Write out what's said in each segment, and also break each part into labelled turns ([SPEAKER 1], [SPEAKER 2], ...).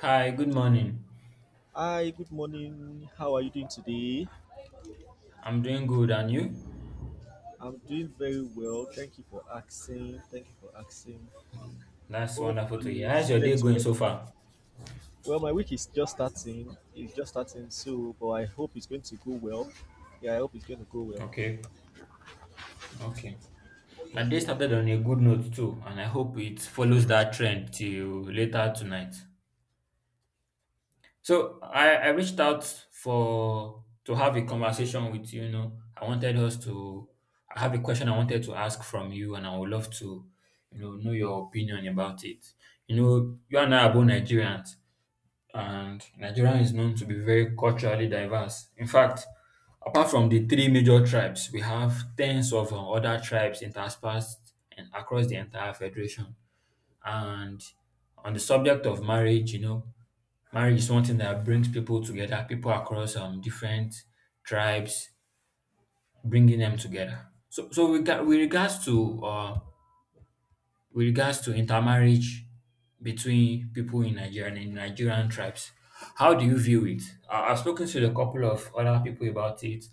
[SPEAKER 1] Hi, good morning.
[SPEAKER 2] Hi, good morning. How are you doing today?
[SPEAKER 1] I'm doing good, and you?
[SPEAKER 2] I'm doing very well. Thank you for asking. Thank you for asking.
[SPEAKER 1] That's
[SPEAKER 2] Hope
[SPEAKER 1] wonderful to hear.
[SPEAKER 2] you
[SPEAKER 1] How's your day
[SPEAKER 2] slept
[SPEAKER 1] going
[SPEAKER 2] well.
[SPEAKER 1] so far?
[SPEAKER 2] Well, my week is just starting. It's just starting, so but I hope it's going to go well. Yeah, I hope it's going to go well.
[SPEAKER 1] Okay, okay. My day started on a good note too, and I hope it follows that trend till later tonight. So I reached out for to have a conversation with you, you know. I wanted us to I have a question I wanted to ask from you, and I would love to, you know your opinion about it. You know, you and I are both Nigerians, and Nigeria is known to be very culturally diverse. In fact, apart from the three major tribes, we have tens of other tribes interspersed and across the entire federation. And on the subject of marriage, you know, marriage is one thing that brings people together, people across different tribes, bringing them together. So we got with regards to intermarriage between people in Nigeria and in Nigerian tribes. How do you view it? I've spoken to a couple of other people about it,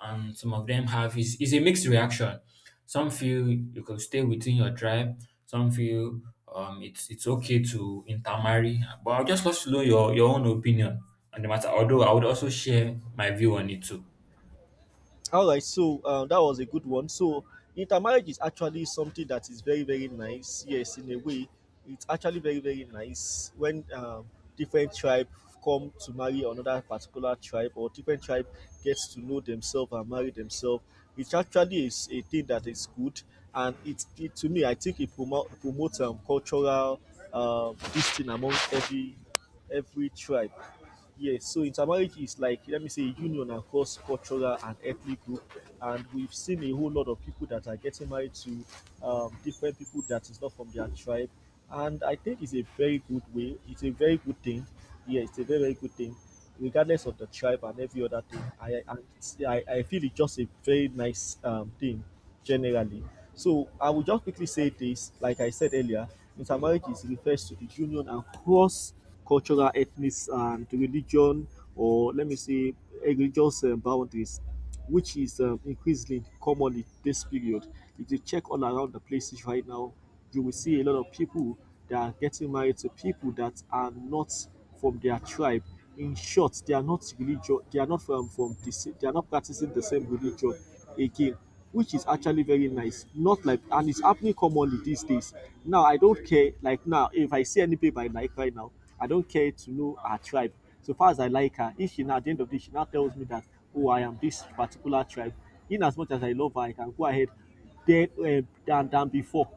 [SPEAKER 1] and some of them have is a mixed reaction. Some feel you could stay within your tribe. Some feel it's okay to intermarry. But I'd just love to know your own opinion on the matter. Although I would also share my view on it too.
[SPEAKER 2] All right, so that was a good one. So intermarriage is actually something that is very very nice, yes, in a way. It's actually very very nice when different tribe come to marry another particular tribe, or different tribe gets to know themselves and marry themselves. It's actually is a thing that is good. And it to me I think it promotes cultural this thing among every tribe. Yes, so intermarriage is like, let me say, union across cultural and ethnic group. And we've seen a whole lot of people that are getting married to different people that is not from their tribe. And I think it's a very good way. It's a very good thing. Yeah, it's a very, very good thing, regardless of the tribe and every other thing. And I feel it's just a very nice thing generally. So I will just quickly say this: like I said earlier, intermarriage is refers to the union across cultural, ethnic, and religion, or let me say, religious boundaries, which is increasingly common in this period. If you check all around the places right now, you will see a lot of people that are getting married to people that are not from their tribe. In short, they are not religious. They are not from they are not practicing the same religion again, which is actually very nice. Not like, and it's happening commonly these days. Now I don't care. Like now, if I see any babe I like right now, I don't care to know her tribe. So far as I like her, if she, now at the end of the day she now tells me that, oh, I am this particular tribe, in as much as I love her, I can go ahead then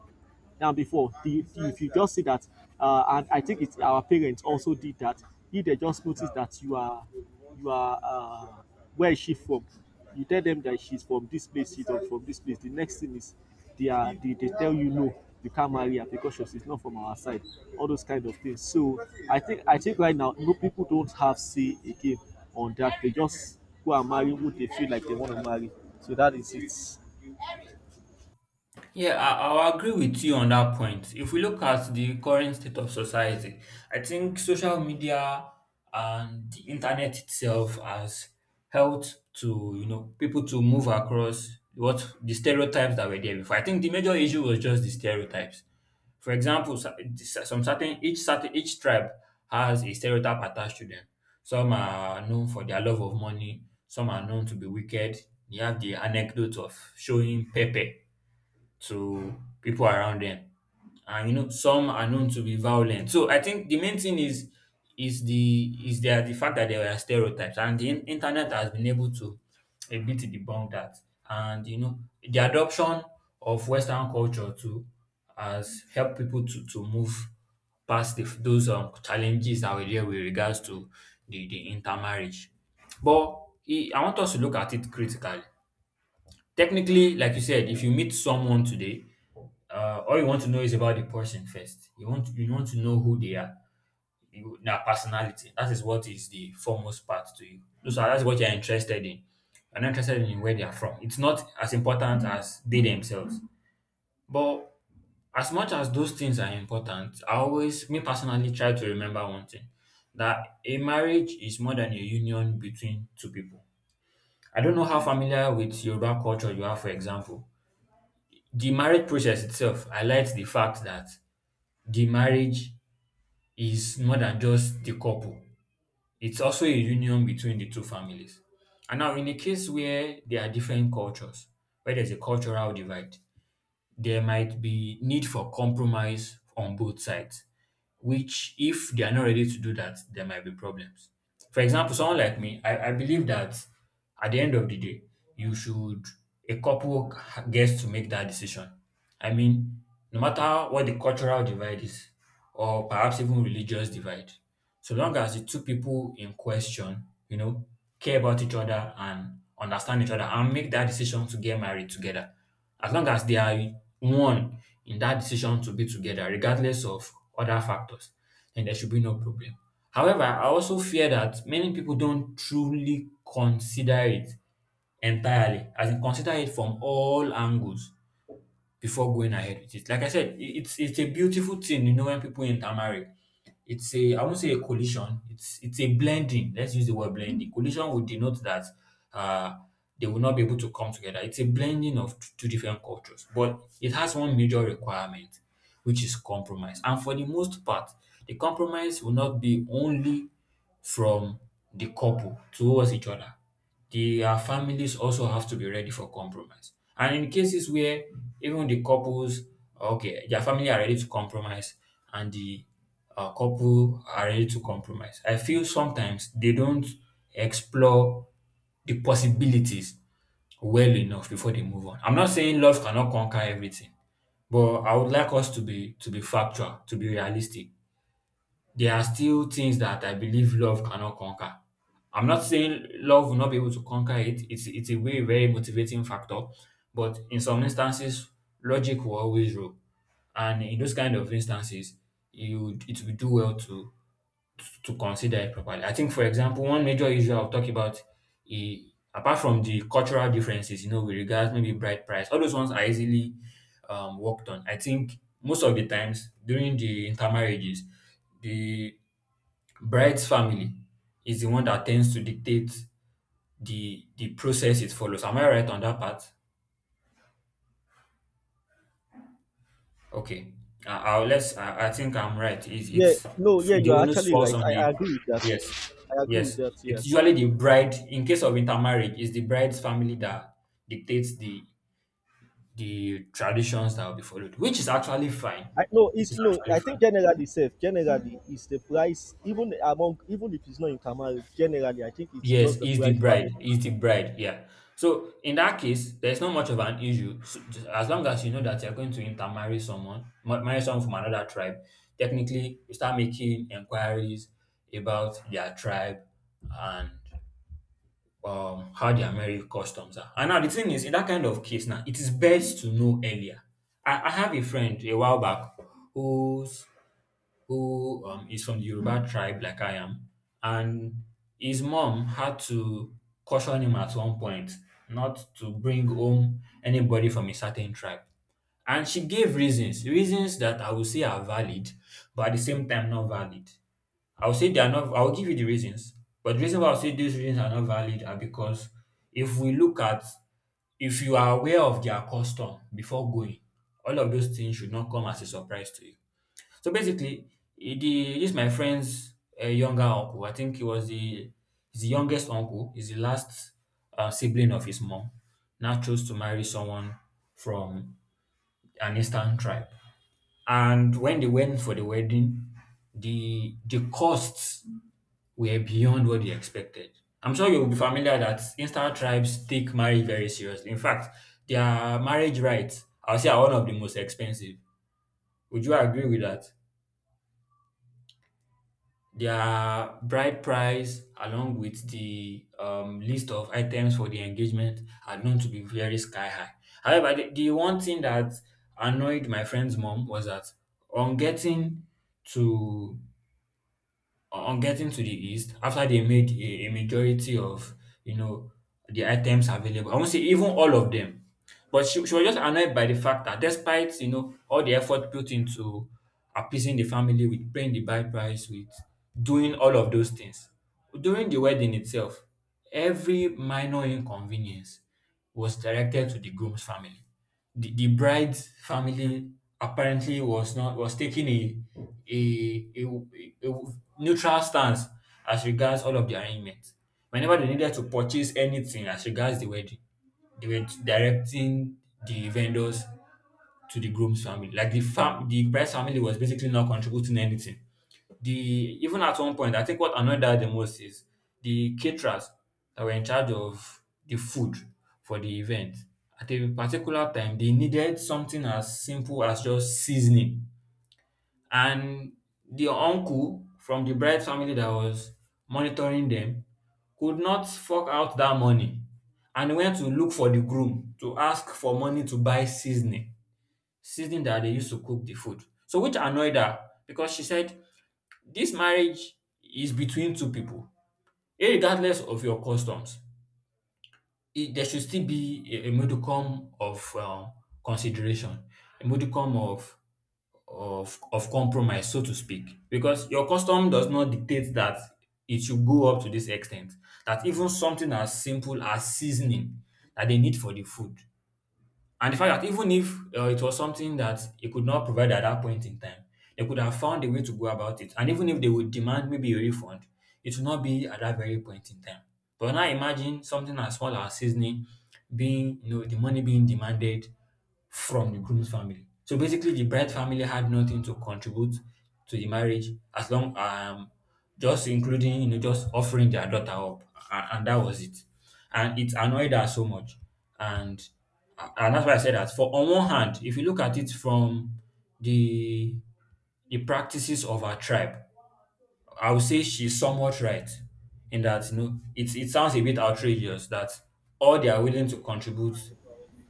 [SPEAKER 2] than before. If you just see that, and I think it's our parents also did that. If they just notice that you are, uh, where is she from? You tell them that she's from this place, she's not from this place. The next thing is they tell you no, you can't marry her because she's not from our side. All those kind of things. So I think right now no, people don't have say again on that. They just go and marry who they feel like they want to marry. So that is it.
[SPEAKER 1] Yeah, I'll agree with you on that point. If we look at the current state of society, I think social media and the internet itself has helped to, you know, people to move across what the stereotypes that were there before. I think the major issue was just the stereotypes. For example, sa- this- some certain each tribe has a stereotype attached to them. Some are known for their love of money. Some are known to be wicked. You have the anecdote of showing pepper to people around them, and you know, some are known to be violent. So I think the main thing is the fact that there are stereotypes, and the internet has been able to a bit debunk that. And you know, the adoption of Western culture too has helped people to move past those challenges that were there with regards to the intermarriage. But I want us to look at it critically. Technically, like you said, if you meet someone today, all you want to know is about the person first. You want to know who they are, you, their personality. That is what is the foremost part to you. So that's what you're interested in. You're not interested in where they are from. It's not as important as they themselves. But as much as those things are important, I always, me personally, try to remember one thing, that a marriage is more than a union between two people. I don't know how familiar with Yoruba culture you are. For example, the marriage process itself highlights the fact that the marriage is more than just the couple. It's also a union between the two families. And now, in a case where there are different cultures, where there's a cultural divide, there might be need for compromise on both sides, which if they are not ready to do that, there might be problems. For example, someone like me, I believe that at the end of the day, you should a couple gets to make that decision. I mean, no matter what the cultural divide is, or perhaps even religious divide, so long as the two people in question, you know, care about each other and understand each other and make that decision to get married together, as long as they are one in that decision to be together, regardless of other factors, then there should be no problem. However, I also fear that many people don't truly consider it entirely, as in consider it from all angles before going ahead with it. Like I said, it's a beautiful thing, you know, when people intermarry. It's a I won't say a collision, it's a blending. Let's use the word blending. Collision would denote that uh they will not be able to come together. It's a blending of two different cultures, but it has one major requirement, which is compromise. And for the most part, the compromise will not be only from the couple towards each other. Their families also have to be ready for compromise. And in cases where even the couples, okay, their family are ready to compromise, and the couple are ready to compromise, I feel sometimes they don't explore the possibilities well enough before they move on. I'm not saying love cannot conquer everything, but I would like us to be factual, to be realistic. There are still things that I believe love cannot conquer. I'm not saying love will not be able to conquer it. It's a very, very motivating factor, but in some instances, logic will always rule. And in those kind of instances, you it will do well to consider it properly. I think, for example, one major issue I'll talk about, eh, apart from the cultural differences, you know, with regards maybe bride price, all those ones are easily worked on. I think most of the times during the intermarriages, the bride's family is the one that tends to dictate the process it follows. Am I right on that part? Okay, I'll let's. I think I'm right. It's
[SPEAKER 2] Yeah,
[SPEAKER 1] it's
[SPEAKER 2] no, yeah, you
[SPEAKER 1] the
[SPEAKER 2] are
[SPEAKER 1] onus
[SPEAKER 2] actually right.
[SPEAKER 1] falls on
[SPEAKER 2] I
[SPEAKER 1] the
[SPEAKER 2] agree with
[SPEAKER 1] yes,
[SPEAKER 2] that. I agree with
[SPEAKER 1] yes.
[SPEAKER 2] that. Yeah,
[SPEAKER 1] It's usually the bride. In case of intermarriage, it's the bride's family that dictates the traditions that will be followed, which is actually fine.
[SPEAKER 2] I no,
[SPEAKER 1] Which
[SPEAKER 2] it's,
[SPEAKER 1] is
[SPEAKER 2] you know,
[SPEAKER 1] actually
[SPEAKER 2] I think
[SPEAKER 1] fine.
[SPEAKER 2] generally safe. Generally, it's the price, even among, even if it's not in Kamari. Generally, I think it's
[SPEAKER 1] Yes,
[SPEAKER 2] just the
[SPEAKER 1] is the
[SPEAKER 2] price
[SPEAKER 1] bride.
[SPEAKER 2] family.
[SPEAKER 1] Is the bride. Yeah. So in that case, there's not much of an issue. So just as long as you know that you're going to intermarry someone, marry someone from another tribe, technically you start making inquiries about their tribe, and how their marriage customs are. And now the thing is, in that kind of case, now it is best to know earlier. I have a friend a while back whose who is from the Yoruba tribe, like I am, and his mom had to caution him at one point not to bring home anybody from a certain tribe. And she gave reasons, reasons that I will say are valid, but at the same time not valid. I'll say they are not, I'll give you the reasons, but the reason why I'll say these reasons are not valid are because if we look at, if you are aware of their custom before going, all of those things should not come as a surprise to you. So basically, he, the, this my friend's younger uncle. I think he was the he's the youngest uncle. He's the last sibling of his mom. Now chose to marry someone from an eastern tribe. And when they went for the wedding, the costs were beyond what they expected. I'm sure you'll be familiar that eastern tribes take marriage very seriously. In fact, their marriage rights, I'll say, are one of the most expensive. Would you agree with that? Their bride price, along with the list of items for the engagement, are known to be very sky high. However, the one thing that annoyed my friend's mom was that on getting to on getting to the east, after they made a majority of, you know, the items available, I won't say even all of them, but she was just annoyed by the fact that despite, you know, all the effort put into appeasing the family, with paying the bride price, with doing all of those things during the wedding itself, every minor inconvenience was directed to the groom's family. The bride's family apparently was not was taking a, a, a neutral stance as regards all of the arrangements. Whenever they needed to purchase anything as regards the wedding, they were directing the vendors to the groom's family. Like the the bride's family was basically not contributing anything. The even at one point, I think what annoyed her the most is the caterers that were in charge of the food for the event. At a particular time, they needed something as simple as just seasoning. And the uncle from the bride family that was monitoring them could not fork out that money, and went to look for the groom to ask for money to buy seasoning, seasoning that they used to cook the food. So, which annoyed her, because she said this marriage is between two people. Irregardless of your customs, there should still be a modicum of consideration, a modicum of compromise, so to speak, because your custom does not dictate that it should go up to this extent. That even something as simple as seasoning that they need for the food, and the fact that even if it was something that he could not provide at that point in time, they could have found a way to go about it. And even if they would demand maybe a refund, it would not be at that very point in time. But now imagine something as small as seasoning being, you know, the money being demanded from the groom's family. So basically, the bride family had nothing to contribute to the marriage as long just including just offering their daughter up, and that was it. And it annoyed her so much, and and that's why I said that. For on one hand, if you look at it from the the practices of our tribe, I would say she's somewhat right in that, you know, it sounds a bit outrageous that all they are willing to contribute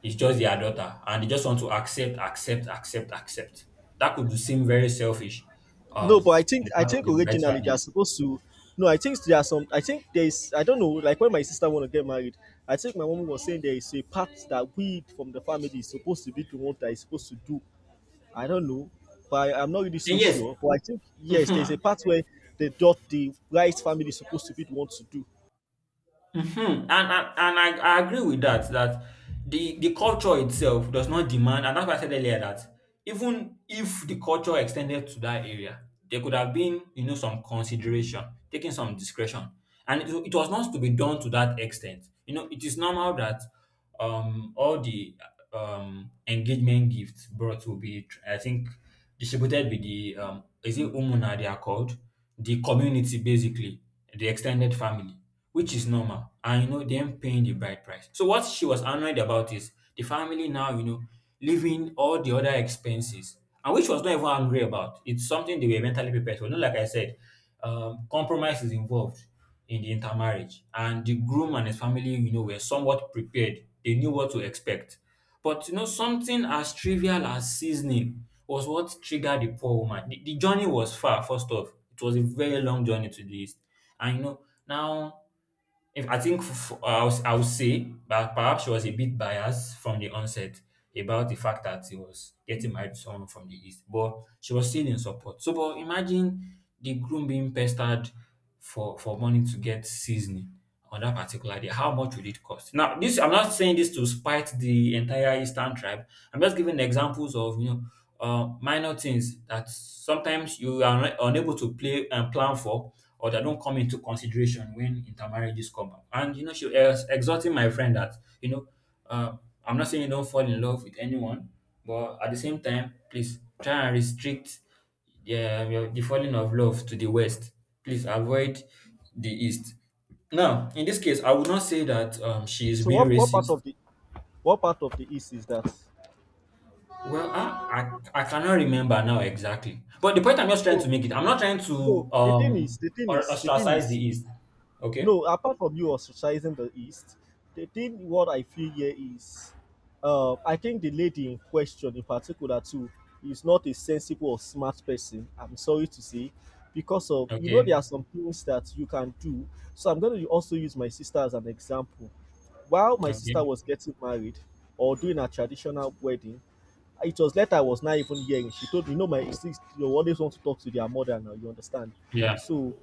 [SPEAKER 1] is just their daughter, and they just want to accept, accept, accept, accept. That could seem very selfish
[SPEAKER 2] No, but I
[SPEAKER 1] on
[SPEAKER 2] think
[SPEAKER 1] the
[SPEAKER 2] I
[SPEAKER 1] part of
[SPEAKER 2] think
[SPEAKER 1] the bride's
[SPEAKER 2] originally they are
[SPEAKER 1] family.
[SPEAKER 2] supposed to. No, I think there are some. I think there is. I don't know. Like when my sister want to get married, I think my mom was saying there is a part that we from the family is supposed to be the one that is supposed to do, I don't know, but I'm not really so
[SPEAKER 1] And yes,
[SPEAKER 2] sure. But I think yes, there's a part where the dot the rice family is supposed to be the one to do.
[SPEAKER 1] Mhm. And I agree with that, that the culture itself does not demand, and that's why I said earlier that even if the culture extended to that area, there could have been, you know, some consideration, taking some discretion. And it was not to be done to that extent. You know, it is normal that all the engagement gifts brought will be, I think, distributed with the, um, is it umuna they are called, the community, basically the extended family, which is normal, and you know them paying the bride price. So what she was annoyed about is the family now, you know, leaving all the other expenses, and which was not even angry about, it's something they were mentally prepared for. You, like I said, compromise is involved in the intermarriage, and the groom and his family, you know, were somewhat prepared, they knew what to expect. But you know, something as trivial as seasoning was what triggered the poor woman. The journey was far, first off. It was a very long journey to the east. And you know, now if I think f- f- I'll, would say that perhaps she was a bit biased from the onset about the fact that he was getting married to someone from the East, but she was still in support. So, but imagine the groom being pestered for money to get seasoning on that particular day. How much would it cost? Now, this, I'm not saying this to spite the entire Eastern tribe. I'm just giving examples of, you know, minor things that sometimes you are unable to play and plan for, or that don't come into consideration when intermarriages come up. And you know, she was exhorting my friend that, you know, uh, I'm not saying you don't fall in love with anyone, but at the same time, please try and restrict the falling of love to the west. Please avoid the east. Now, in this case, I would not say that, she is
[SPEAKER 2] So
[SPEAKER 1] being
[SPEAKER 2] what part
[SPEAKER 1] racist.
[SPEAKER 2] of the what part of the east is that?
[SPEAKER 1] Well, I cannot remember now exactly. But the point I'm just trying
[SPEAKER 2] So
[SPEAKER 1] to make it, I'm not trying
[SPEAKER 2] no,
[SPEAKER 1] to or
[SPEAKER 2] the thing
[SPEAKER 1] ostracize the
[SPEAKER 2] is,
[SPEAKER 1] East. Okay?
[SPEAKER 2] no, apart from you ostracizing the East, the thing what I feel here is, I think the lady in question, in particular too, is not a sensible or smart person. I'm sorry to say, because of, you know, there are
[SPEAKER 1] Okay.
[SPEAKER 2] some things that you can do. So I'm going to also use my sister as an example. While my
[SPEAKER 1] Okay.
[SPEAKER 2] sister was getting married or doing a traditional wedding, it was later, I was not even hearing. She told me, you know, my six, you always want to talk to their mother now, you understand?
[SPEAKER 1] Yeah.
[SPEAKER 2] So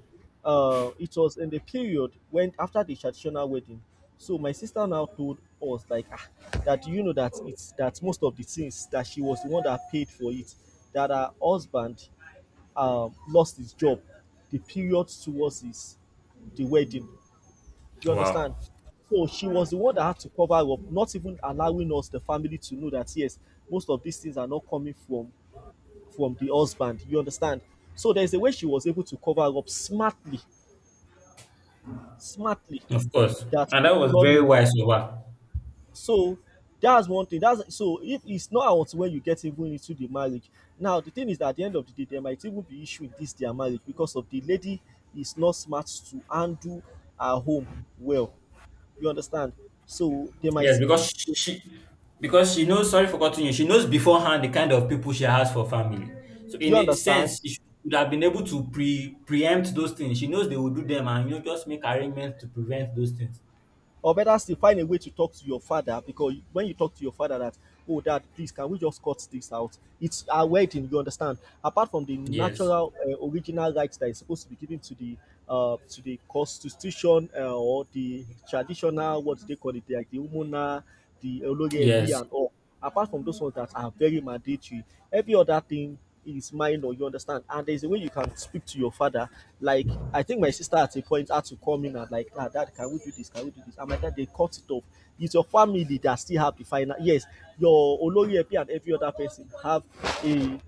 [SPEAKER 2] it was in the period when after the traditional wedding, so my sister now told us like, ah, that you know that it's that most of the things that she was the one that paid for it, that her husband lost his job, the period towards his the wedding. You understand?
[SPEAKER 1] Wow.
[SPEAKER 2] So she was the one that had to cover up, not even allowing us, the family, to know that yes, most of these things are not coming from the husband. You understand? So there's a way she was able to cover up smartly, smartly,
[SPEAKER 1] Of course.
[SPEAKER 2] that
[SPEAKER 1] And
[SPEAKER 2] we
[SPEAKER 1] that
[SPEAKER 2] did
[SPEAKER 1] was
[SPEAKER 2] not
[SPEAKER 1] very
[SPEAKER 2] know.
[SPEAKER 1] wise of her.
[SPEAKER 2] So that's one thing. That's, so if it's not out when you get even into the marriage. Now the thing is that at the end of the day, there might even be issue in this their marriage because of the lady is not smart to handle her home well. You understand? So they might
[SPEAKER 1] Yes,
[SPEAKER 2] be.
[SPEAKER 1] because
[SPEAKER 2] Do
[SPEAKER 1] she, because she knows, sorry for cutting you, she knows beforehand the kind of people she has for family. So
[SPEAKER 2] you
[SPEAKER 1] in a sense,
[SPEAKER 2] understand?
[SPEAKER 1] she should have been able to preempt those things. She knows they will do them, and you know, just make arrangements to prevent those things.
[SPEAKER 2] Or better still, find a way to talk to your father, because when you talk to your father, that, oh, dad, please, can we just cut this out? It's our wedding, you understand. Apart from the
[SPEAKER 1] Yes.
[SPEAKER 2] natural original rights that is supposed to be given to the constitution or the traditional, what do they call it, like the umuna, the olori ebi
[SPEAKER 1] Yes.
[SPEAKER 2] and all. Apart from those ones that are very mandatory, every other thing is minor, you understand? And there's a way you can speak to your father. Like, I think my sister at a point had to come in and, like, ah, dad, can we do this? Can we do this? And my dad, they cut it off. It's your family that still have the final. Yes, your Olori Epi and every other person have a,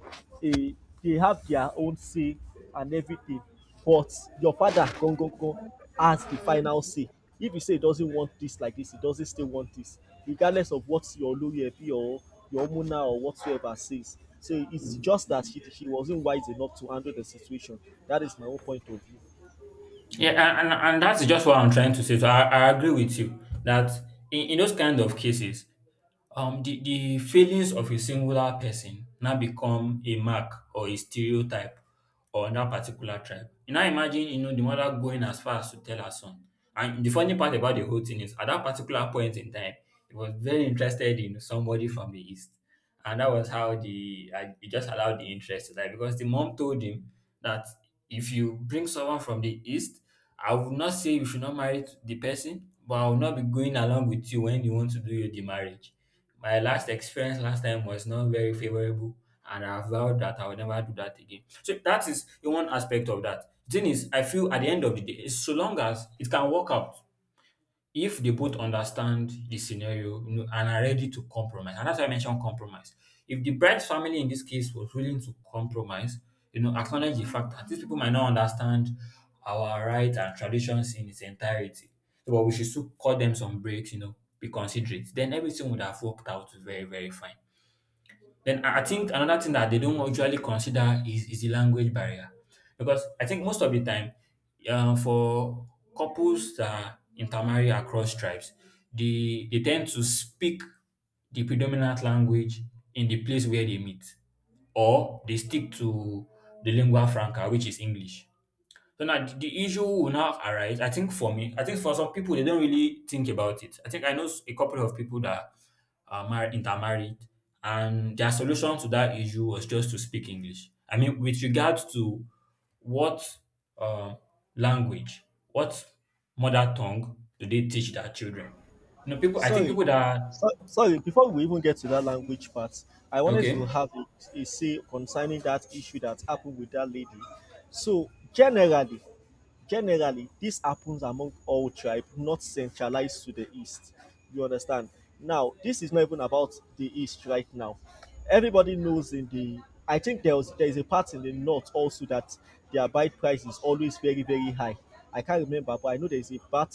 [SPEAKER 2] a, they have their own say and everything, but your father gongongon has the final say. If you say he doesn't want this like this, he doesn't still want this, regardless of what your Olori Ebi or your Omuna or whatsoever says. So it's just that he wasn't wise enough to handle the situation. That is my own point of view.
[SPEAKER 1] Yeah, and that's just what I'm trying to say. So I agree with you that in those kind of cases, the failings of a singular person now become a mark or a stereotype on that particular tribe. You now imagine, you know, the mother going as far as to tell her son. And the funny part about the whole thing is, at that particular point in time, he was very interested in somebody from the east. And that was how he just allowed the interest to die because the mom told him that if you bring someone from the east, I would not say you should not marry the person, but I will not be going along with you when you want to do your the marriage. My last experience last time was not very favorable, and I vowed that I would never do that again. So that is one aspect of that. The thing is, I feel at the end of the day, so long as it can work out, if they both understand the scenario, you know, and are ready to compromise, and that's why I mentioned compromise. If the bride's family in this case was willing to compromise, you know, acknowledge the fact that these people might not understand our rights and traditions in its entirety, so, but we should still cut them some breaks, you know, be considerate. Then everything would have worked out very, very fine. Then I think another thing that they don't usually consider is the language barrier. Because I think most of the time, for couples that intermarry across tribes, they tend to speak the predominant language in the place where they meet, or they stick to the lingua franca, which is English. So now the issue will now arise. I think for me, I think for some people they don't really think about it. I know a couple of people that are married, intermarried, and their solution to that issue was just to speak English. I mean, with regards to what um, language, what mother tongue do they teach their children? You know, people. I think
[SPEAKER 2] Sorry,
[SPEAKER 1] people that
[SPEAKER 2] so, sorry, before we even get to that language part, I wanted to
[SPEAKER 1] okay.
[SPEAKER 2] have a say concerning that issue that happened with that lady. So, generally, generally, this happens among all tribes, not centralized to the East. You understand? Now, this is not even about the East right now. Everybody knows in the, I think there is a part in the north also that their buy price is always very, very high. I can't remember, but I know there is a part,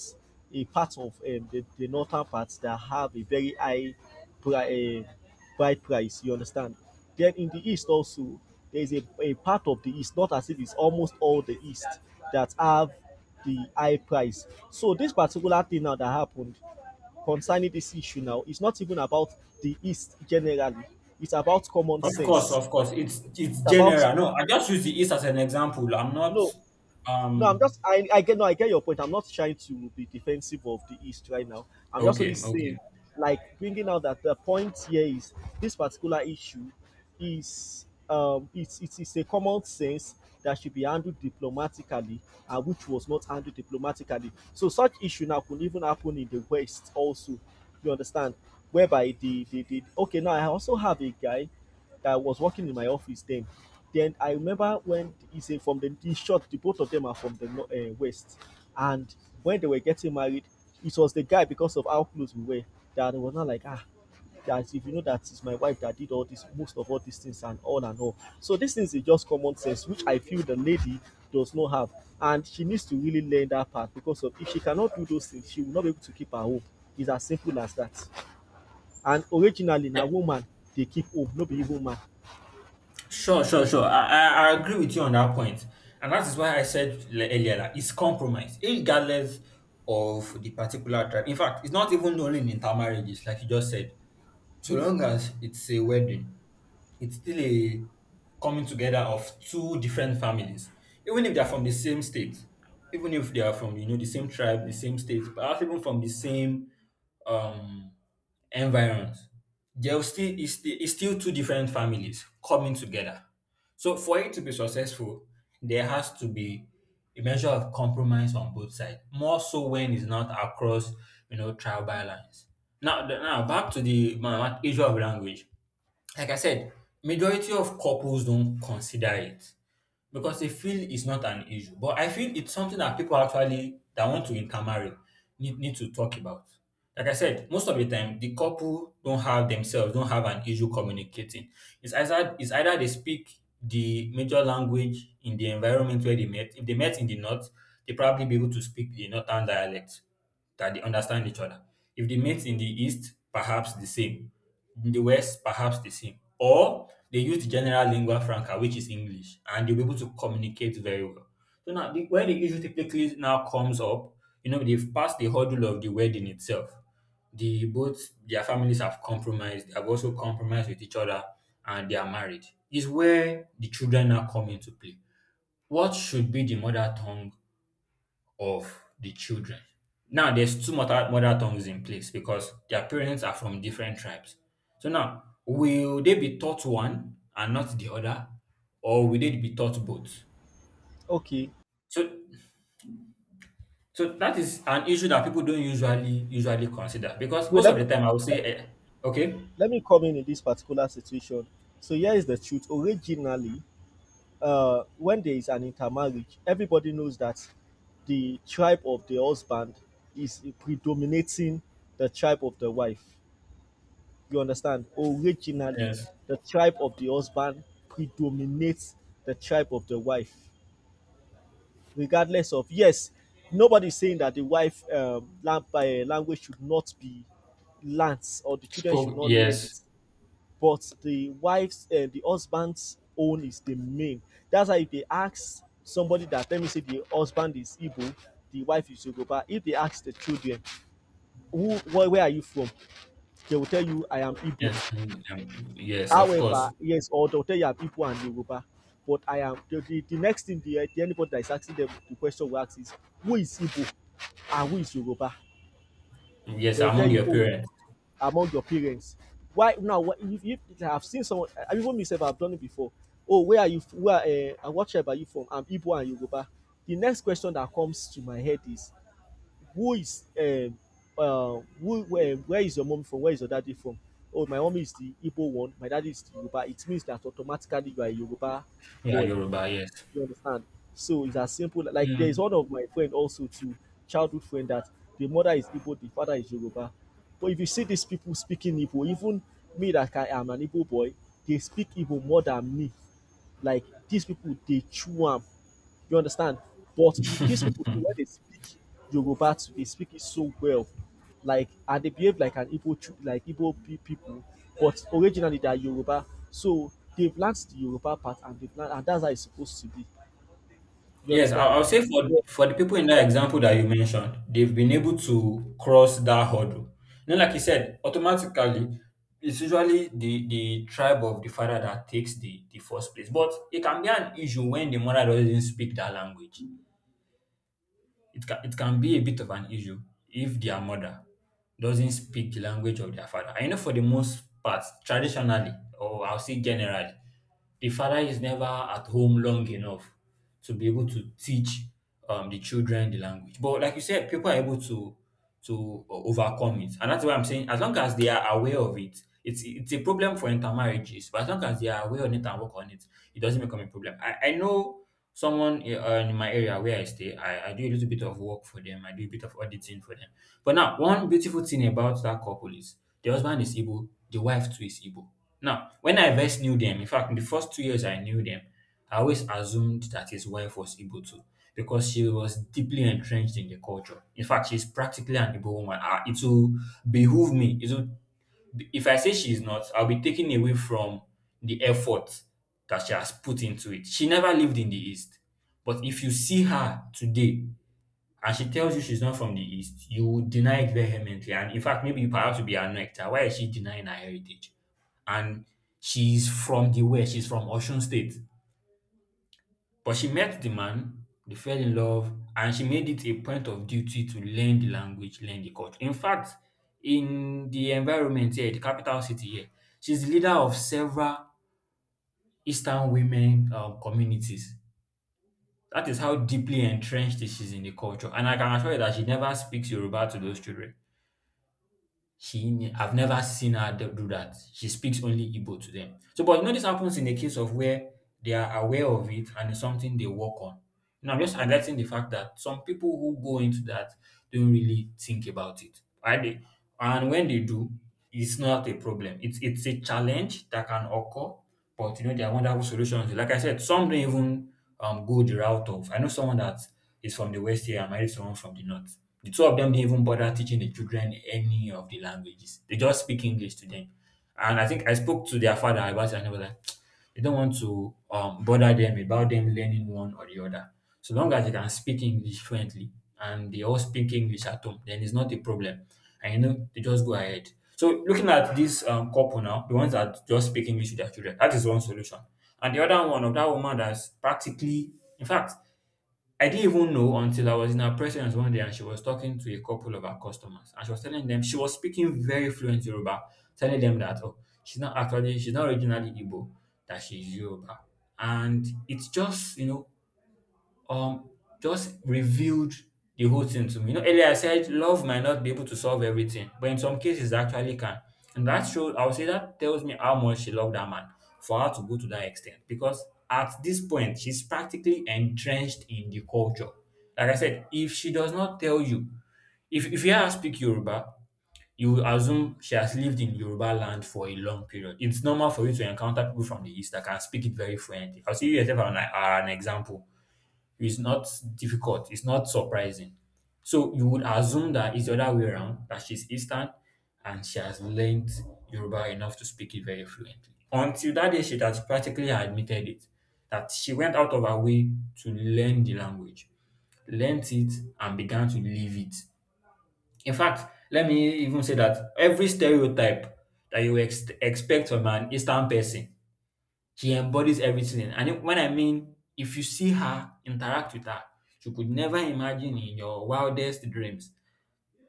[SPEAKER 2] a part of the northern parts that have a very high pri- uh, buy price, you understand? Then in the East also, there is a part of the East, not as if it's almost all the East that have the high price. So this particular thing now that happened concerning this issue now is not even about the East generally. It's about common sense.
[SPEAKER 1] Of course, it's
[SPEAKER 2] It's about
[SPEAKER 1] general. No, I just use
[SPEAKER 2] it's
[SPEAKER 1] the East as an example. I'm not
[SPEAKER 2] no No, I'm
[SPEAKER 1] um
[SPEAKER 2] just, I get, no, I get your point. I'm not trying to be defensive of the East right now. I'm just only
[SPEAKER 1] okay,
[SPEAKER 2] saying,
[SPEAKER 1] okay.
[SPEAKER 2] like, bringing out that the point here is this particular issue is, um, it's a common sense that should be handled diplomatically and which was not handled diplomatically. So such issue now could even happen in the West also. You understand? Whereby the okay, now I also have a guy that was working in my office then. Then I remember when he said, from the, in short, the both of them are from the west, and when they were getting married, it was the guy, because of how close we were, that it was not like, ah, that if you know that it's my wife that did all this, most of all these things, and all and all. So, these things is just common sense, which I feel the lady does not have. And she needs to really learn that part, because of if she cannot do those things, she will not be able to keep her home. It's as simple as that. And originally, na
[SPEAKER 1] Yeah.
[SPEAKER 2] woman they keep home, no be even man.
[SPEAKER 1] Sure, sure, sure. I agree with you on that point. And that is why I said earlier that it's compromise, regardless of the particular tribe. In fact, it's not even only in intermarriages, like you just said. So long as it's a wedding, it's still a coming together of two different families. Even if they are from the same state, even if they are from, you know, the same tribe, the same state, perhaps even from the same um environment. There still is still is still two different families coming together. So for it to be successful, there has to be a measure of compromise on both sides. More so when it's not across, you know, tribal lines. Now, now back to the issue of language. Like I said, majority of couples don't consider it because they feel it's not an issue. But I feel it's something that people actually that want to intermarry need to talk about. Like I said, most of the time the couple don't have themselves don't have an issue communicating. It's either they speak the major language in the environment where they met. If they met in the north, they probably be able to speak the northern dialect that they understand each other. If they met in the East, perhaps the same. In the West, perhaps the same. Or they use the general lingua franca, which is English, and they'll be able to communicate very well. So now, the, where the issue typically now comes up, you know, they've passed the hurdle of the wedding itself. The both their families have compromised. They have also compromised with each other, and they are married. Is where the children now come into play. What should be the mother tongue of the children. Now there's two mother tongues in place because their parents are from different tribes. So now, will they be taught one and not the other, or will they be taught both?
[SPEAKER 2] Okay.
[SPEAKER 1] So, so that is an issue that people don't usually consider because
[SPEAKER 2] Wait,
[SPEAKER 1] most of the time I will say, eh, okay,
[SPEAKER 2] let me come in this particular situation. So here is the truth. Originally, when there is an intermarriage, everybody knows that the tribe of the husband is predominating the tribe of the wife. You understand? Originally,
[SPEAKER 1] yes,
[SPEAKER 2] the tribe of the husband predominates the tribe of the wife, regardless of yes. Nobody's saying that the wife language should not be learnt or the children should
[SPEAKER 1] spoke,
[SPEAKER 2] not learn
[SPEAKER 1] yes,
[SPEAKER 2] it, but the husband's own is the main. That's why if they ask somebody that, let me say the husband is Igbo, the wife is Yoruba, if they ask the children, where are you from, they will tell you I am Igbo.
[SPEAKER 1] yes, mm, yes, of
[SPEAKER 2] However,
[SPEAKER 1] course,
[SPEAKER 2] yes, or they will tell you I'm Igbo and Yoruba. But I am the next thing, the anybody that is asking them the question will ask is, who is Igbo and who is Yoruba?
[SPEAKER 1] yes,
[SPEAKER 2] They will tell
[SPEAKER 1] among
[SPEAKER 2] you,
[SPEAKER 1] your
[SPEAKER 2] oh,
[SPEAKER 1] parents,
[SPEAKER 2] among your parents. Why now if I've seen someone even myself, I've done it before. Oh, where are you where and what tribe are you from? I'm Igbo and Yoruba. The next question that comes to my head is, who is who where is your mom from, where is your daddy from? Oh, my mom is the Igbo one, my daddy is the Yoruba. It means that automatically you are a Yoruba
[SPEAKER 1] yeah,
[SPEAKER 2] boy.
[SPEAKER 1] Yoruba, yes.
[SPEAKER 2] You understand? So it's as simple. Like, there is
[SPEAKER 1] Mm.
[SPEAKER 2] one of my friend also too, childhood friend that the mother is Igbo, the father is Yoruba. But if you see these people speaking Igbo, even me that I am an Igbo boy, they speak Igbo more than me. Like, these people, they chew am. You understand? But these people, when they speak Yoruba too, they speak it so well. Like, and they behave like an like Igbo people, but originally they are Yoruba. So they've learnt the Yoruba part, and they've learnt, and that's how it's supposed to be. You
[SPEAKER 1] Yes,
[SPEAKER 2] understand?
[SPEAKER 1] I'll say
[SPEAKER 2] Yeah.
[SPEAKER 1] for the people in that
[SPEAKER 2] That,
[SPEAKER 1] example that you mentioned, they've been able to cross that hurdle. Now, like you said, automatically, it's usually the tribe of the father that takes the first place. But it can be an issue when the mother doesn't speak that language. It can be a bit of an issue if their mother doesn't speak the language of their father. I know for the most part, traditionally, or I'll say generally, the father is never at home long enough to be able to teach the children the language. But like you said, people are able to overcome it, and that's why I'm saying as long as they are aware of it, it's a problem for intermarriages. But as long as they are aware on it and work on it, it doesn't become a problem. I know someone in my area where I stay, I do a little bit of work for them. I do a bit of auditing for them. But now, one beautiful thing about that couple is the husband is Igbo, the wife too is Igbo. Now, when I first knew them, in fact, in the first 2 years I knew them, I always assumed that his wife was Igbo too because she was deeply entrenched in the culture. In fact, she's practically an Igbo woman. Ah, it will behoove me, it will If I say she's not, I'll be taken away from the effort that she has put into it. She never lived in the East. But if you see her today and she tells you she's not from the East, you will deny it vehemently. And in fact, maybe you perhaps will be annoyed. That Why is she denying her heritage? And she's from the West, she's from Ocean State. But she met the man, they fell in love, and she made it a point of duty to learn the language, learn the culture. In fact, in the environment here, the capital city here, she's the leader of several Eastern women communities. That is how deeply entrenched she's in the culture. And I can assure you that she never speaks Yoruba to those children. I've never seen her do that. She speaks only Igbo to them. So, but you know, this happens in a case of where they are aware of it and it's something they work on. You know, I'm just highlighting the fact that some people who go into that don't really think about it. Right? And when they do, it's not a problem. It's a challenge that can occur, but you know, there are wonderful solutions. Like I said, some don't even go the route of. I know someone that is from the West here and married someone from the North. The two of them didn't even bother teaching the children any of the languages. They just speak English to them. And I think I spoke to their father about it and they were like, you don't want to bother them about them learning one or the other. So long as you can speak English fluently and they all speak English at home, then it's not a problem. And you know, they just go ahead. So looking at this couple now, the ones that just speak English with their children, that is one solution. And the other one of that woman that's practically, in fact, I didn't even know until I was in her presence one day and she was talking to a couple of her customers and she was telling them she was speaking very fluent Yoruba, telling them that oh she's not originally Igbo, that she's Yoruba. And it's just, you know, um just revealed the whole thing to me. You know, earlier I said love might not be able to solve everything, but in some cases it actually can. And that shows I would say that tells me how much she loved that man for her to go to that extent. Because at this point, she's practically entrenched in the culture. Like I said, if she does not tell you, if you hear her speak Yoruba, you will assume she has lived in Yoruba land for a long period. It's normal for you to encounter people from the East that can speak it very fluently. I'll see you yourself are an example. It's not difficult. It's not surprising. So you would assume that it's the other way around, that she's Eastern and she has learned Yoruba enough to speak it very fluently. Until that day, she has practically admitted it, that she went out of her way to learn the language, learnt it, and began to live it. In fact, let me even say that every stereotype that you expect from an Eastern person she embodies everything. When I mean, if you see her, interact with her, you could never imagine in your wildest dreams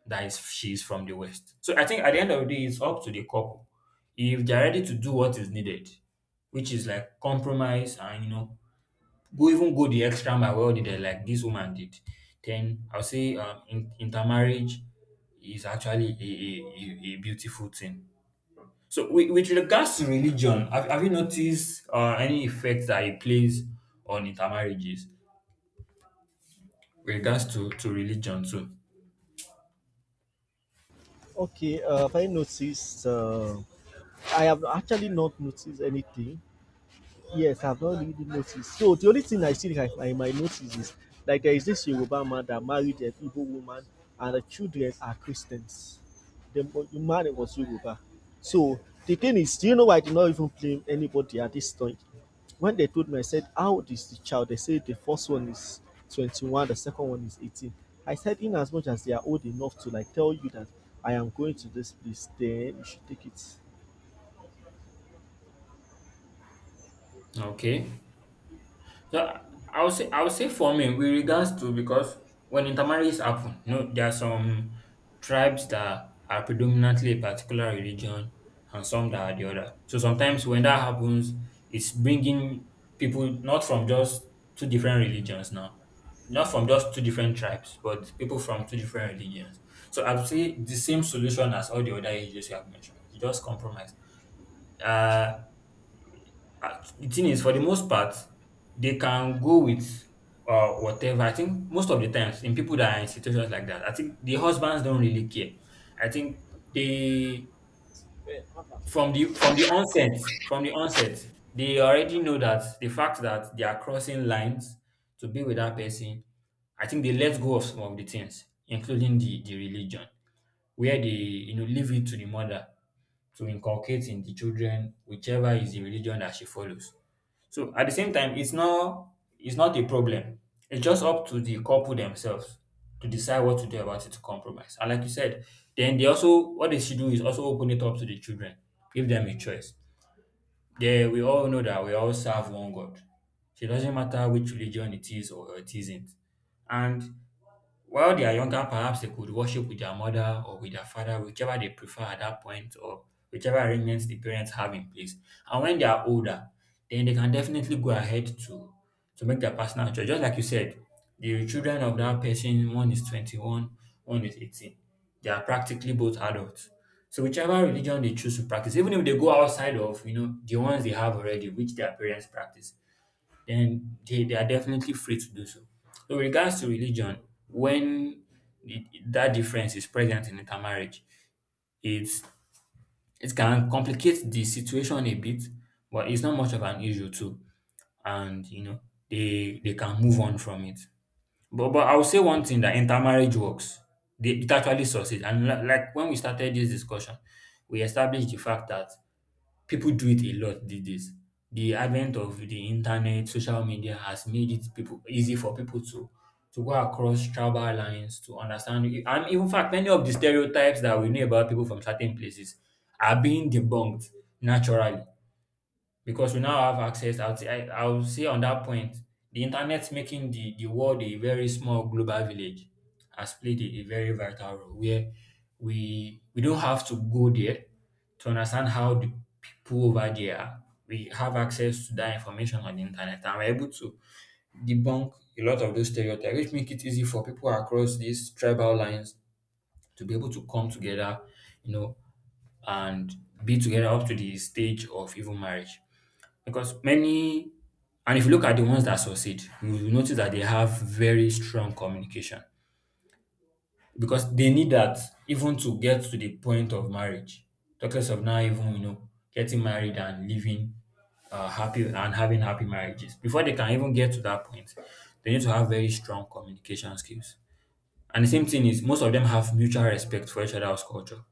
[SPEAKER 1] she's from the West. So I think at the end of the day, it's up to the couple. If they're ready to do what is needed, which is like compromise and, you know, go even go the extra mile well did like this woman did, then I'll say intermarriage is actually a beautiful thing. So, with regards to religion, have you noticed any effect that it plays on intermarriages with regards to religion too?
[SPEAKER 2] okay. Have I noticed? I have actually not noticed anything. Yes, I've not really noticed. So the only thing I see like I might notice is, like, there is this Yoruba man that married an Igbo woman and the children are Christians. The the man was Yoruba. So the thing is, do you know why I did not even blame anybody at this point? When they told me, I said, how old is the child? They said the first one is 21, the second one is 18. I said, in as much as they are old enough to like tell you that I am going to this place, then you should take it.
[SPEAKER 1] Okay. So I would say for me with regards to, because when intermarriage happen, you know, there are some tribes that are predominantly a particular religion and some that are the other. So sometimes when that happens, it's bringing people not from just two different religions now, not from just two different tribes, but people from two different religions. So I would say the same solution as all the other ages you have mentioned. You just compromise. Uh, the thing is, for the most part, they can go with whatever. I think most of the times in people that are in situations like that, I think the husbands don't really care. I think they from the from the onset from the onset they already know that the fact that they are crossing lines to be with that person. I think they let go of some of the things, including the religion, where they you know leave it to the mother to inculcate in the children whichever is the religion that she follows. So at the same time, it's not a problem. It's just up to the couple themselves to decide what to do about it, to compromise. And like you said, then they also what they should do is also open it up to the children, give them a choice. They We all know that we all serve one God. So it doesn't matter which religion it is or it isn't. And while they are younger, perhaps they could worship with their mother or with their father, whichever they prefer at that point or whichever arrangements the parents have in place. And when they are older, then they can definitely go ahead to make their personal choice. Just like you said, the children of that person, one is 21, one is 18. They are practically both adults. So whichever religion they choose to practice, even if they go outside of, you know, the ones they have already, which their parents practice, then they are definitely free to do so. So, with regards to religion, when it, that difference is present in intermarriage, it's, it can complicate the situation a bit, but it's not much of an issue too. And, you know, they can move on from it. But I will say one thing, that intermarriage works. It actually succeeds. And like when we started this discussion, we established the fact that people do it a lot these days. The advent of the internet, social media has made it people easy for people to go across tribal lines to understand. And in fact, many of the stereotypes that we know about people from certain places are being debunked naturally because we now have access. I will say, I would say on that point, the internet making the world a very small global village has played a very vital role where we don't have to go there to understand how the people over there are. We have access to that information on the internet and we're able to debunk a lot of those stereotypes, which make it easy for people across these tribal lines to be able to come together, you know, and be together up to the stage of even marriage. Because many, and if you look at the ones that succeed, you will notice that they have very strong communication because they need that even to get to the point of marriage. Talk less of now even you know getting married and living happy and having happy marriages. Before they can even get to that point, they need to have very strong communication skills. And the same thing is, most of them have mutual respect for each other's culture.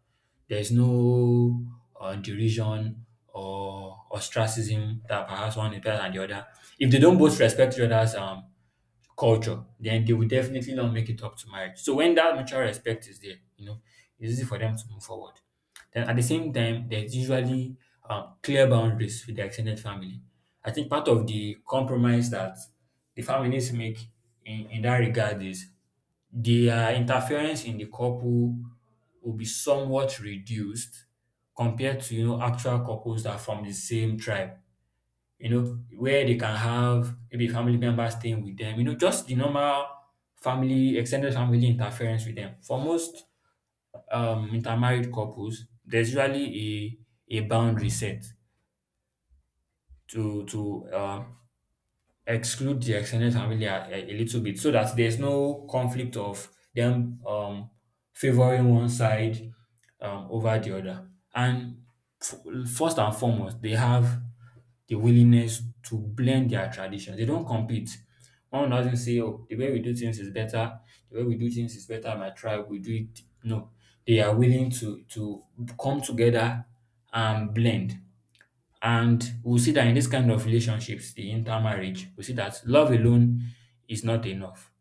[SPEAKER 1] There's no derision or ostracism that perhaps one is better than the other. If they don't both respect each other's culture, then they will definitely not make it up to marriage. So when that mutual respect is there, you know, it's easy for them to move forward. Then at the same time, there's usually clear boundaries with the extended family. I think part of the compromise that the families make in that regard is their interference in the couple will be somewhat reduced compared to, you know, actual couples that are from the same tribe, you know, where they can have maybe family members staying with them, you know, just the normal family, extended family interference with them. For most intermarried couples, there's usually a boundary set to exclude the extended family a little bit so that there's no conflict of them favoring one side over the other. And f- first and foremost, they have the willingness to blend their traditions. They don't compete. One doesn't say, oh, the way we do things is better, the way we do things is better, my tribe, we do it. No. They are willing to come together and blend. And we'll see that in this kind of relationships, the intermarriage, we see that love alone is not enough.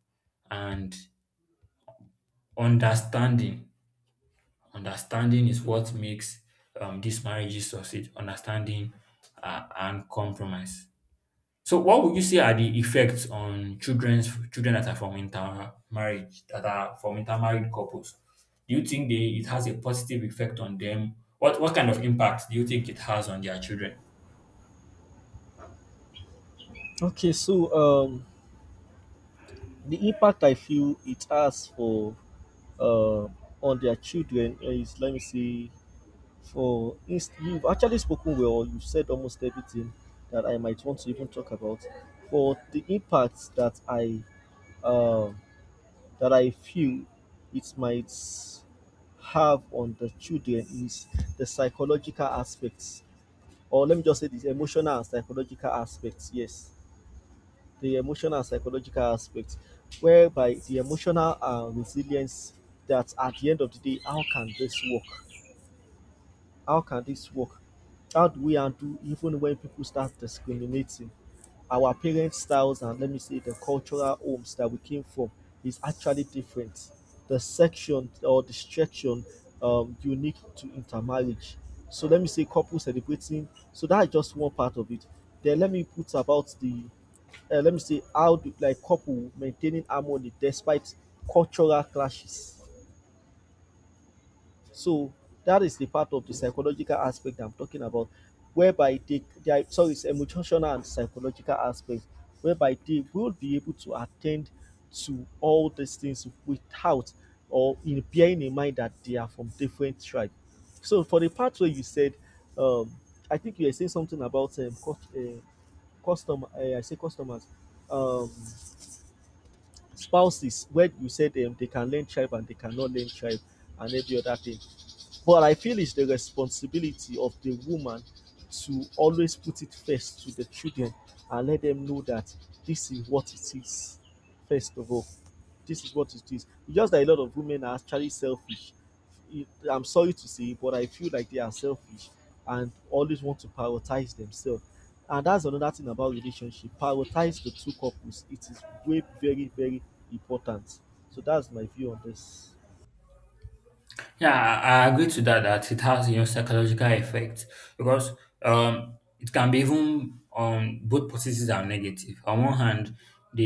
[SPEAKER 1] And understanding, understanding is what makes these marriages succeed, understanding and compromise. So what would you say are the effects on children's children that are from intermarriage, that are from intermarried couples? Do you think it has a positive effect on them? What kind of impact do you think it has on their children?
[SPEAKER 2] Okay, so the impact I feel it has for uh, on their children is, let me see. For you've actually spoken well. You've said almost everything that I might want to even talk about. For the impact uh, that I feel it might have on the children is the psychological aspects, or let me just say this, emotional and psychological aspects. Yes, the emotional and psychological aspects, whereby the emotional resilience, that at the end of the day, how can this work? How can this work? How do we undo even when people start discriminating? Our parent styles and, let me say, the cultural homes that we came from is actually different. The section, or the section unique to intermarriage. So let me say couple celebrating. So that's just one part of it. Then let me put about the let me see, how do, like, couple maintaining harmony despite cultural clashes. So that is the part of the psychological aspect I'm talking about, whereby they are, sorry, it's emotional and psychological aspect whereby they will be able to attend to all these things without, or in, bearing in mind that they are from different tribes. So for the part where you said, um I think you were saying something about custom, I say customers, um spouses, where you said they can learn tribe and they cannot learn tribe and every other thing. But I feel it's the responsibility of the woman to always put it first to the children and let them know that this is what it is, first of all. This is what it is. It's just that a lot of women are actually selfish. I'm sorry to say, but I feel like they are selfish and always want to prioritize themselves. And that's another thing about relationship. Prioritize the two couples. It is way very, very important. So that's my view on this.
[SPEAKER 1] Yeah, I agree to that. That it has you know psychological effects because it can be even on both positive and negative. On one hand, they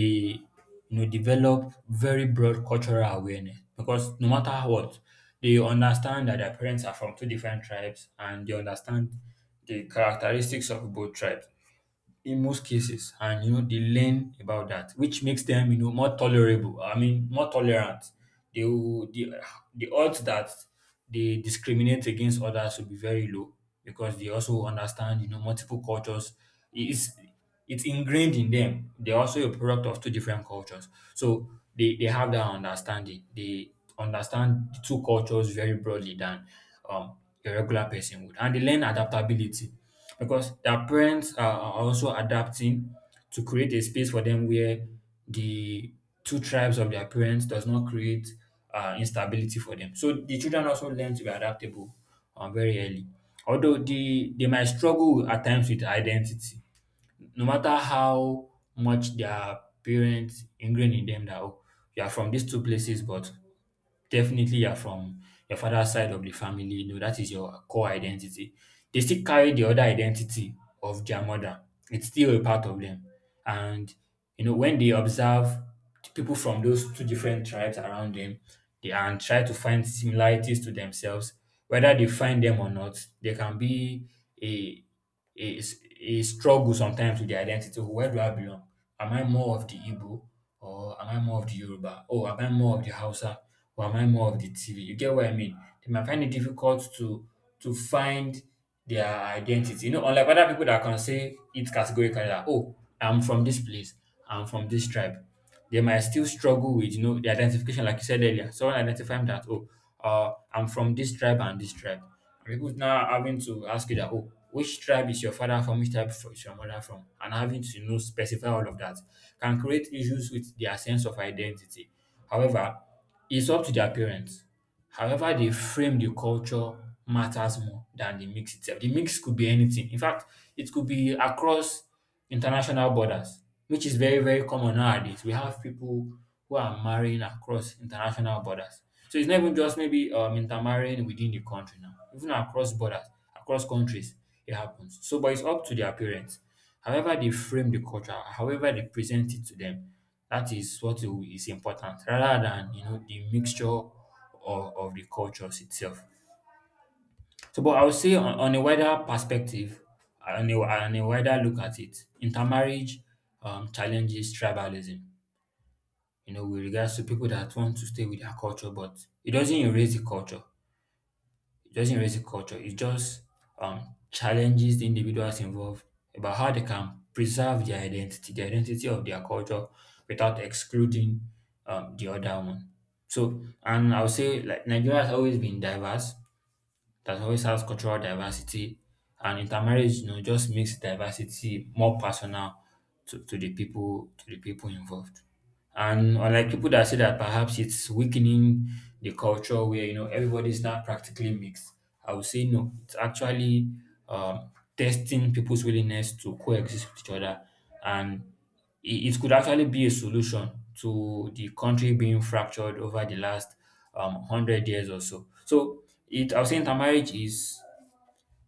[SPEAKER 1] you know develop very broad cultural awareness because no matter what, they understand that their parents are from two different tribes and they understand the characteristics of both tribes in most cases, and you know they learn about that, which makes them you know more tolerable. I mean, more tolerant. They will, the odds that they discriminate against others will be very low because they also understand you know multiple cultures. It's it's ingrained in them. They're also a product of two different cultures, so they have that understanding. They understand the two cultures very broadly than um a regular person would. And they learn adaptability because their parents are also adapting to create a space for them where the two tribes of their parents does not create instability for them. So the children also learn to be adaptable very early. Although they might struggle at times with identity, no matter how much their parents ingrain in them that oh, you are from these two places, but definitely you're from your father's side of the family, you know, that is your core identity. They still carry the other identity of their mother. It's still a part of them. And you know, when they observe people from those two different tribes around them, they and try to find similarities to themselves, whether they find them or not, they can be a a struggle sometimes with the identity. Where do I belong? Am I more of the Igbo or am I more of the Yoruba? Oh, am I more of the Hausa or am I more of the TV? You get what I mean? They might find it difficult to find their identity. You know, unlike other people that can say it categorically that, oh, I'm from this place, I'm from this tribe, they might still struggle with you know the identification, like you said earlier. Someone identifying that oh, I'm from this tribe. And people now having to ask you that oh, which tribe is your father from? Which tribe is your mother from? And having to you know specify all of that can create issues with their sense of identity. However, it's up to their parents. However they frame the culture matters more than the mix itself. The mix could be anything. In fact, it could be across international borders, which is very, very common nowadays. We have people who are marrying across international borders. So it's not even just maybe intermarrying within the country now, even across borders, across countries, it happens. So, but it's up to their parents. However, they frame the culture, however, they present it to them, that is what is important rather than, you know, the mixture of the cultures itself. So, but I would say on a wider perspective, on a wider look at it, intermarriage challenges tribalism, you know, with regards to people that want to stay with their culture, but it doesn't erase the culture. It doesn't erase the culture. It just challenges the individuals involved about how they can preserve their identity, the identity of their culture without excluding the other one. So, and I would say like Nigeria has always been diverse, that always has cultural diversity. And intermarriage, you know, just makes diversity more personal to the people involved. And unlike people that say that perhaps it's weakening the culture where you know everybody's not practically mixed, I would say no. It's actually testing people's willingness to coexist with each other, and it could actually be a solution to the country being fractured over the last 100 years or so. So it I was saying intermarriage is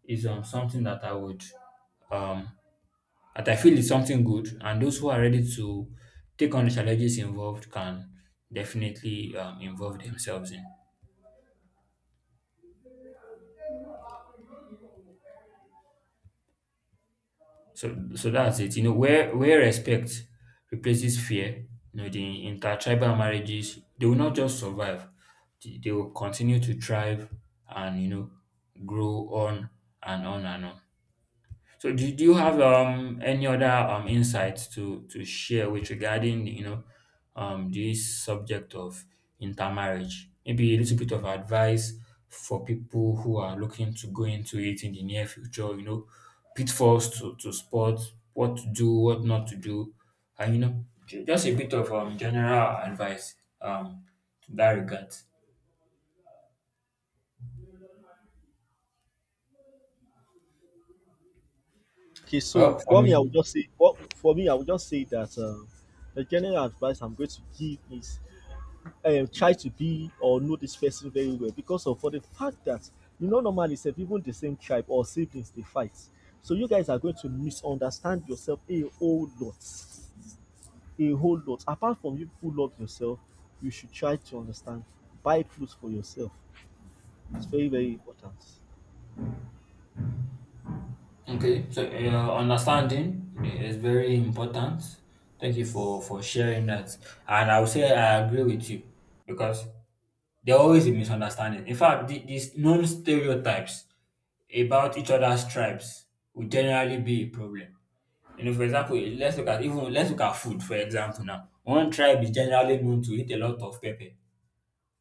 [SPEAKER 1] is something that I would um, that I feel is something good, and those who are ready to take on the challenges involved can definitely involve themselves in. So that's it. You know, where respect replaces fear, you know, the intertribal marriages, they will not just survive. They will continue to thrive and you know grow on and on and on. So do you have any other insights to share with, regarding you know this subject of intermarriage? Maybe a little bit of advice for people who are looking to go into it in the near future, you know, pitfalls to spot, what to do, what not to do, and you know, just a bit of general advice to that regard.
[SPEAKER 2] Okay, so
[SPEAKER 1] Well, for
[SPEAKER 2] what me I would
[SPEAKER 1] me.
[SPEAKER 2] just say, what for me I would just say that, the general advice I'm going to give is, try to be or know this person very well, because of, for the fact that, you know, normally self, even the same tribe or siblings, they fight. So you guys are going to misunderstand yourself a whole lot, a whole lot. Apart from you who love yourself, you should try to understand. Buy clothes for yourself. It's very, very important.
[SPEAKER 1] Okay, so understanding is very important. Thank you for sharing that, and I would say I agree with you because there always a misunderstanding. In fact, these known stereotypes about each other's tribes will generally be a problem. You know, for example, let's look at even, let's look at food for example now. One tribe is generally known to eat a lot of pepper,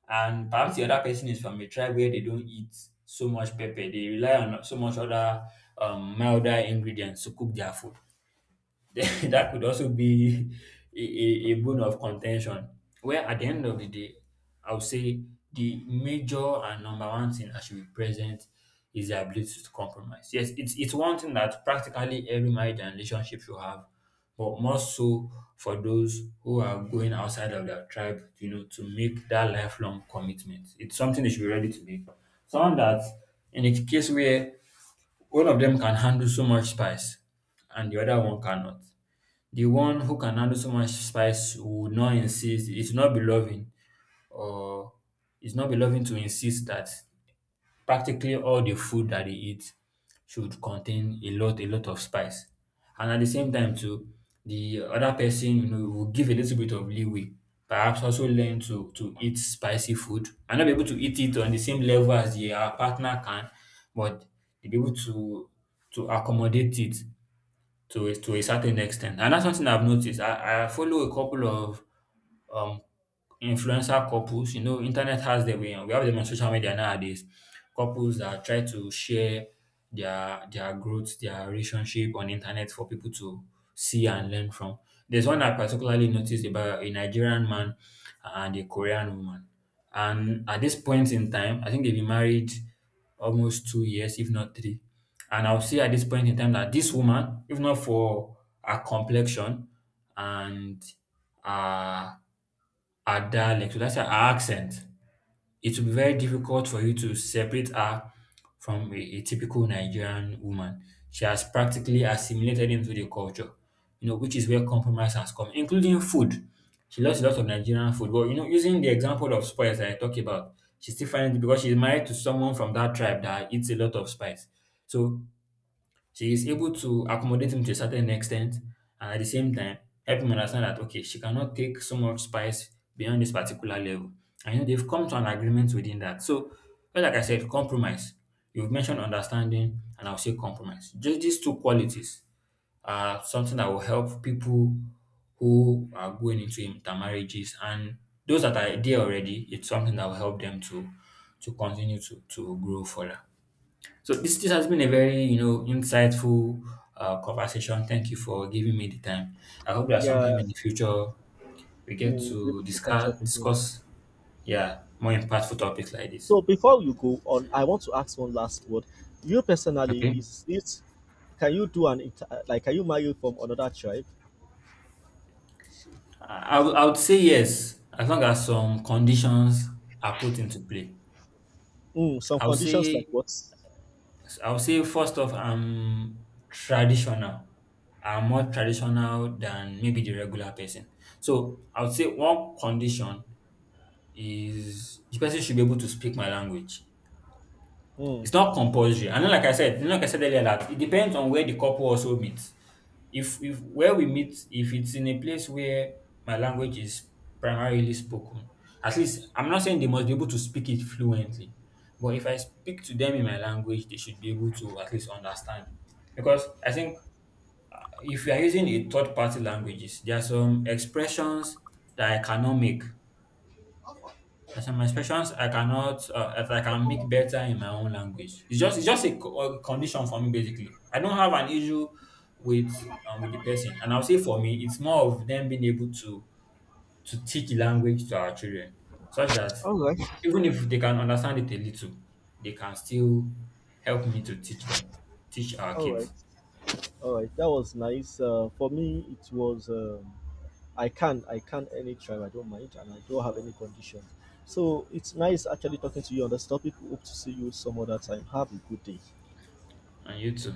[SPEAKER 1] and perhaps the other person is from a tribe where they don't eat so much pepper. They rely on so much other milder ingredients to cook their food. Then that could also be a bone of contention. Where at the end of the day, I would say the major and number one thing that should be present is the ability to compromise. Yes, it's one thing that practically every marriage and relationship should have, but more so for those who are going outside of their tribe, you know, to make that lifelong commitment. It's something they should be ready to make. Someone that, in a case where one of them can handle so much spice and the other one cannot. The one who can handle so much spice would not insist, it will not be loving, or it's not be loving to insist that practically all the food that they eat should contain a lot of spice. And at the same time too, the other person, you know, will give a little bit of leeway. Perhaps also learn to eat spicy food and not be able to eat it on the same level as their partner can, but they be able to accommodate it to a certain extent. And that's something I've noticed. I follow a couple of um, influencer couples. You know, internet has their way, and we have them on social media nowadays. Couples that try to share their growth, their relationship on internet for people to see and learn from. There's one I particularly noticed about a Nigerian man and a Korean woman. And at this point in time, I think they've been married almost 2 years, if not three. And I'll see at this point in time that this woman, if not for her complexion and uh her dialect, so that's her accent. It will be very difficult for you to separate her from a typical Nigerian woman. She has practically assimilated into the culture, you know, which is where compromise has come, including food. She loves a lot of Nigerian food. But you know, using the example of spice that I talked about, she still finds it, because she's married to someone from that tribe that eats a lot of spice. So she is able to accommodate him to a certain extent, and at the same time help him understand that okay, she cannot take so much spice beyond this particular level. And you know, they've come to an agreement within that. So, just like I said, compromise. You've mentioned understanding, and I'll say compromise. Just these two qualities are something that will help people who are going into intermarriages, and those that are there already, it's something that will help them to continue to grow further. So this has been a very you know insightful conversation. Thank you for giving me the time. I hope that
[SPEAKER 2] Yeah,
[SPEAKER 1] sometime in the future we get
[SPEAKER 2] we'll be able
[SPEAKER 1] to
[SPEAKER 2] to catch
[SPEAKER 1] discuss
[SPEAKER 2] up again.
[SPEAKER 1] discuss yeah, more impactful topics like this.
[SPEAKER 2] So before you go on, I want to ask one last word. You personally,
[SPEAKER 1] Okay,
[SPEAKER 2] is it, can you do an like, can you marry from another tribe?
[SPEAKER 1] I would say yes, as long as some conditions are put into play.
[SPEAKER 2] Mm, some
[SPEAKER 1] I would
[SPEAKER 2] conditions like
[SPEAKER 1] say
[SPEAKER 2] what?
[SPEAKER 1] I would say first off I'm traditional. I'm more traditional than maybe the regular person. So I would say one condition is the person should be able to speak my language.
[SPEAKER 2] Mm.
[SPEAKER 1] It's not compulsory. And then, like I said, you know, like I said earlier, that it depends on where the couple also meets. If where we meet, if it's in a place where my language is primarily spoken, at least, I'm not saying they must be able to speak it fluently, but if I speak to them in my language, they should be able to at least understand. Because I think if you are using a third party languages, there are some expressions that I cannot make. As for my expressions, I cannot, as I can make better in my own language. It's just a condition for me basically. I don't have an issue with with the person, and I'll say for me, it's more of them being able to teach the language to our children, such that
[SPEAKER 2] All right,
[SPEAKER 1] even if they can understand it a little, they can still help me to teach them, teach our
[SPEAKER 2] all right,
[SPEAKER 1] kids,
[SPEAKER 2] all right. That was nice. For me, it was I can, I can any tribe. I don't mind, and I don't have any conditions. So it's nice actually talking to you on this topic. Hope to see you some other time. Have a good day.
[SPEAKER 1] and you too.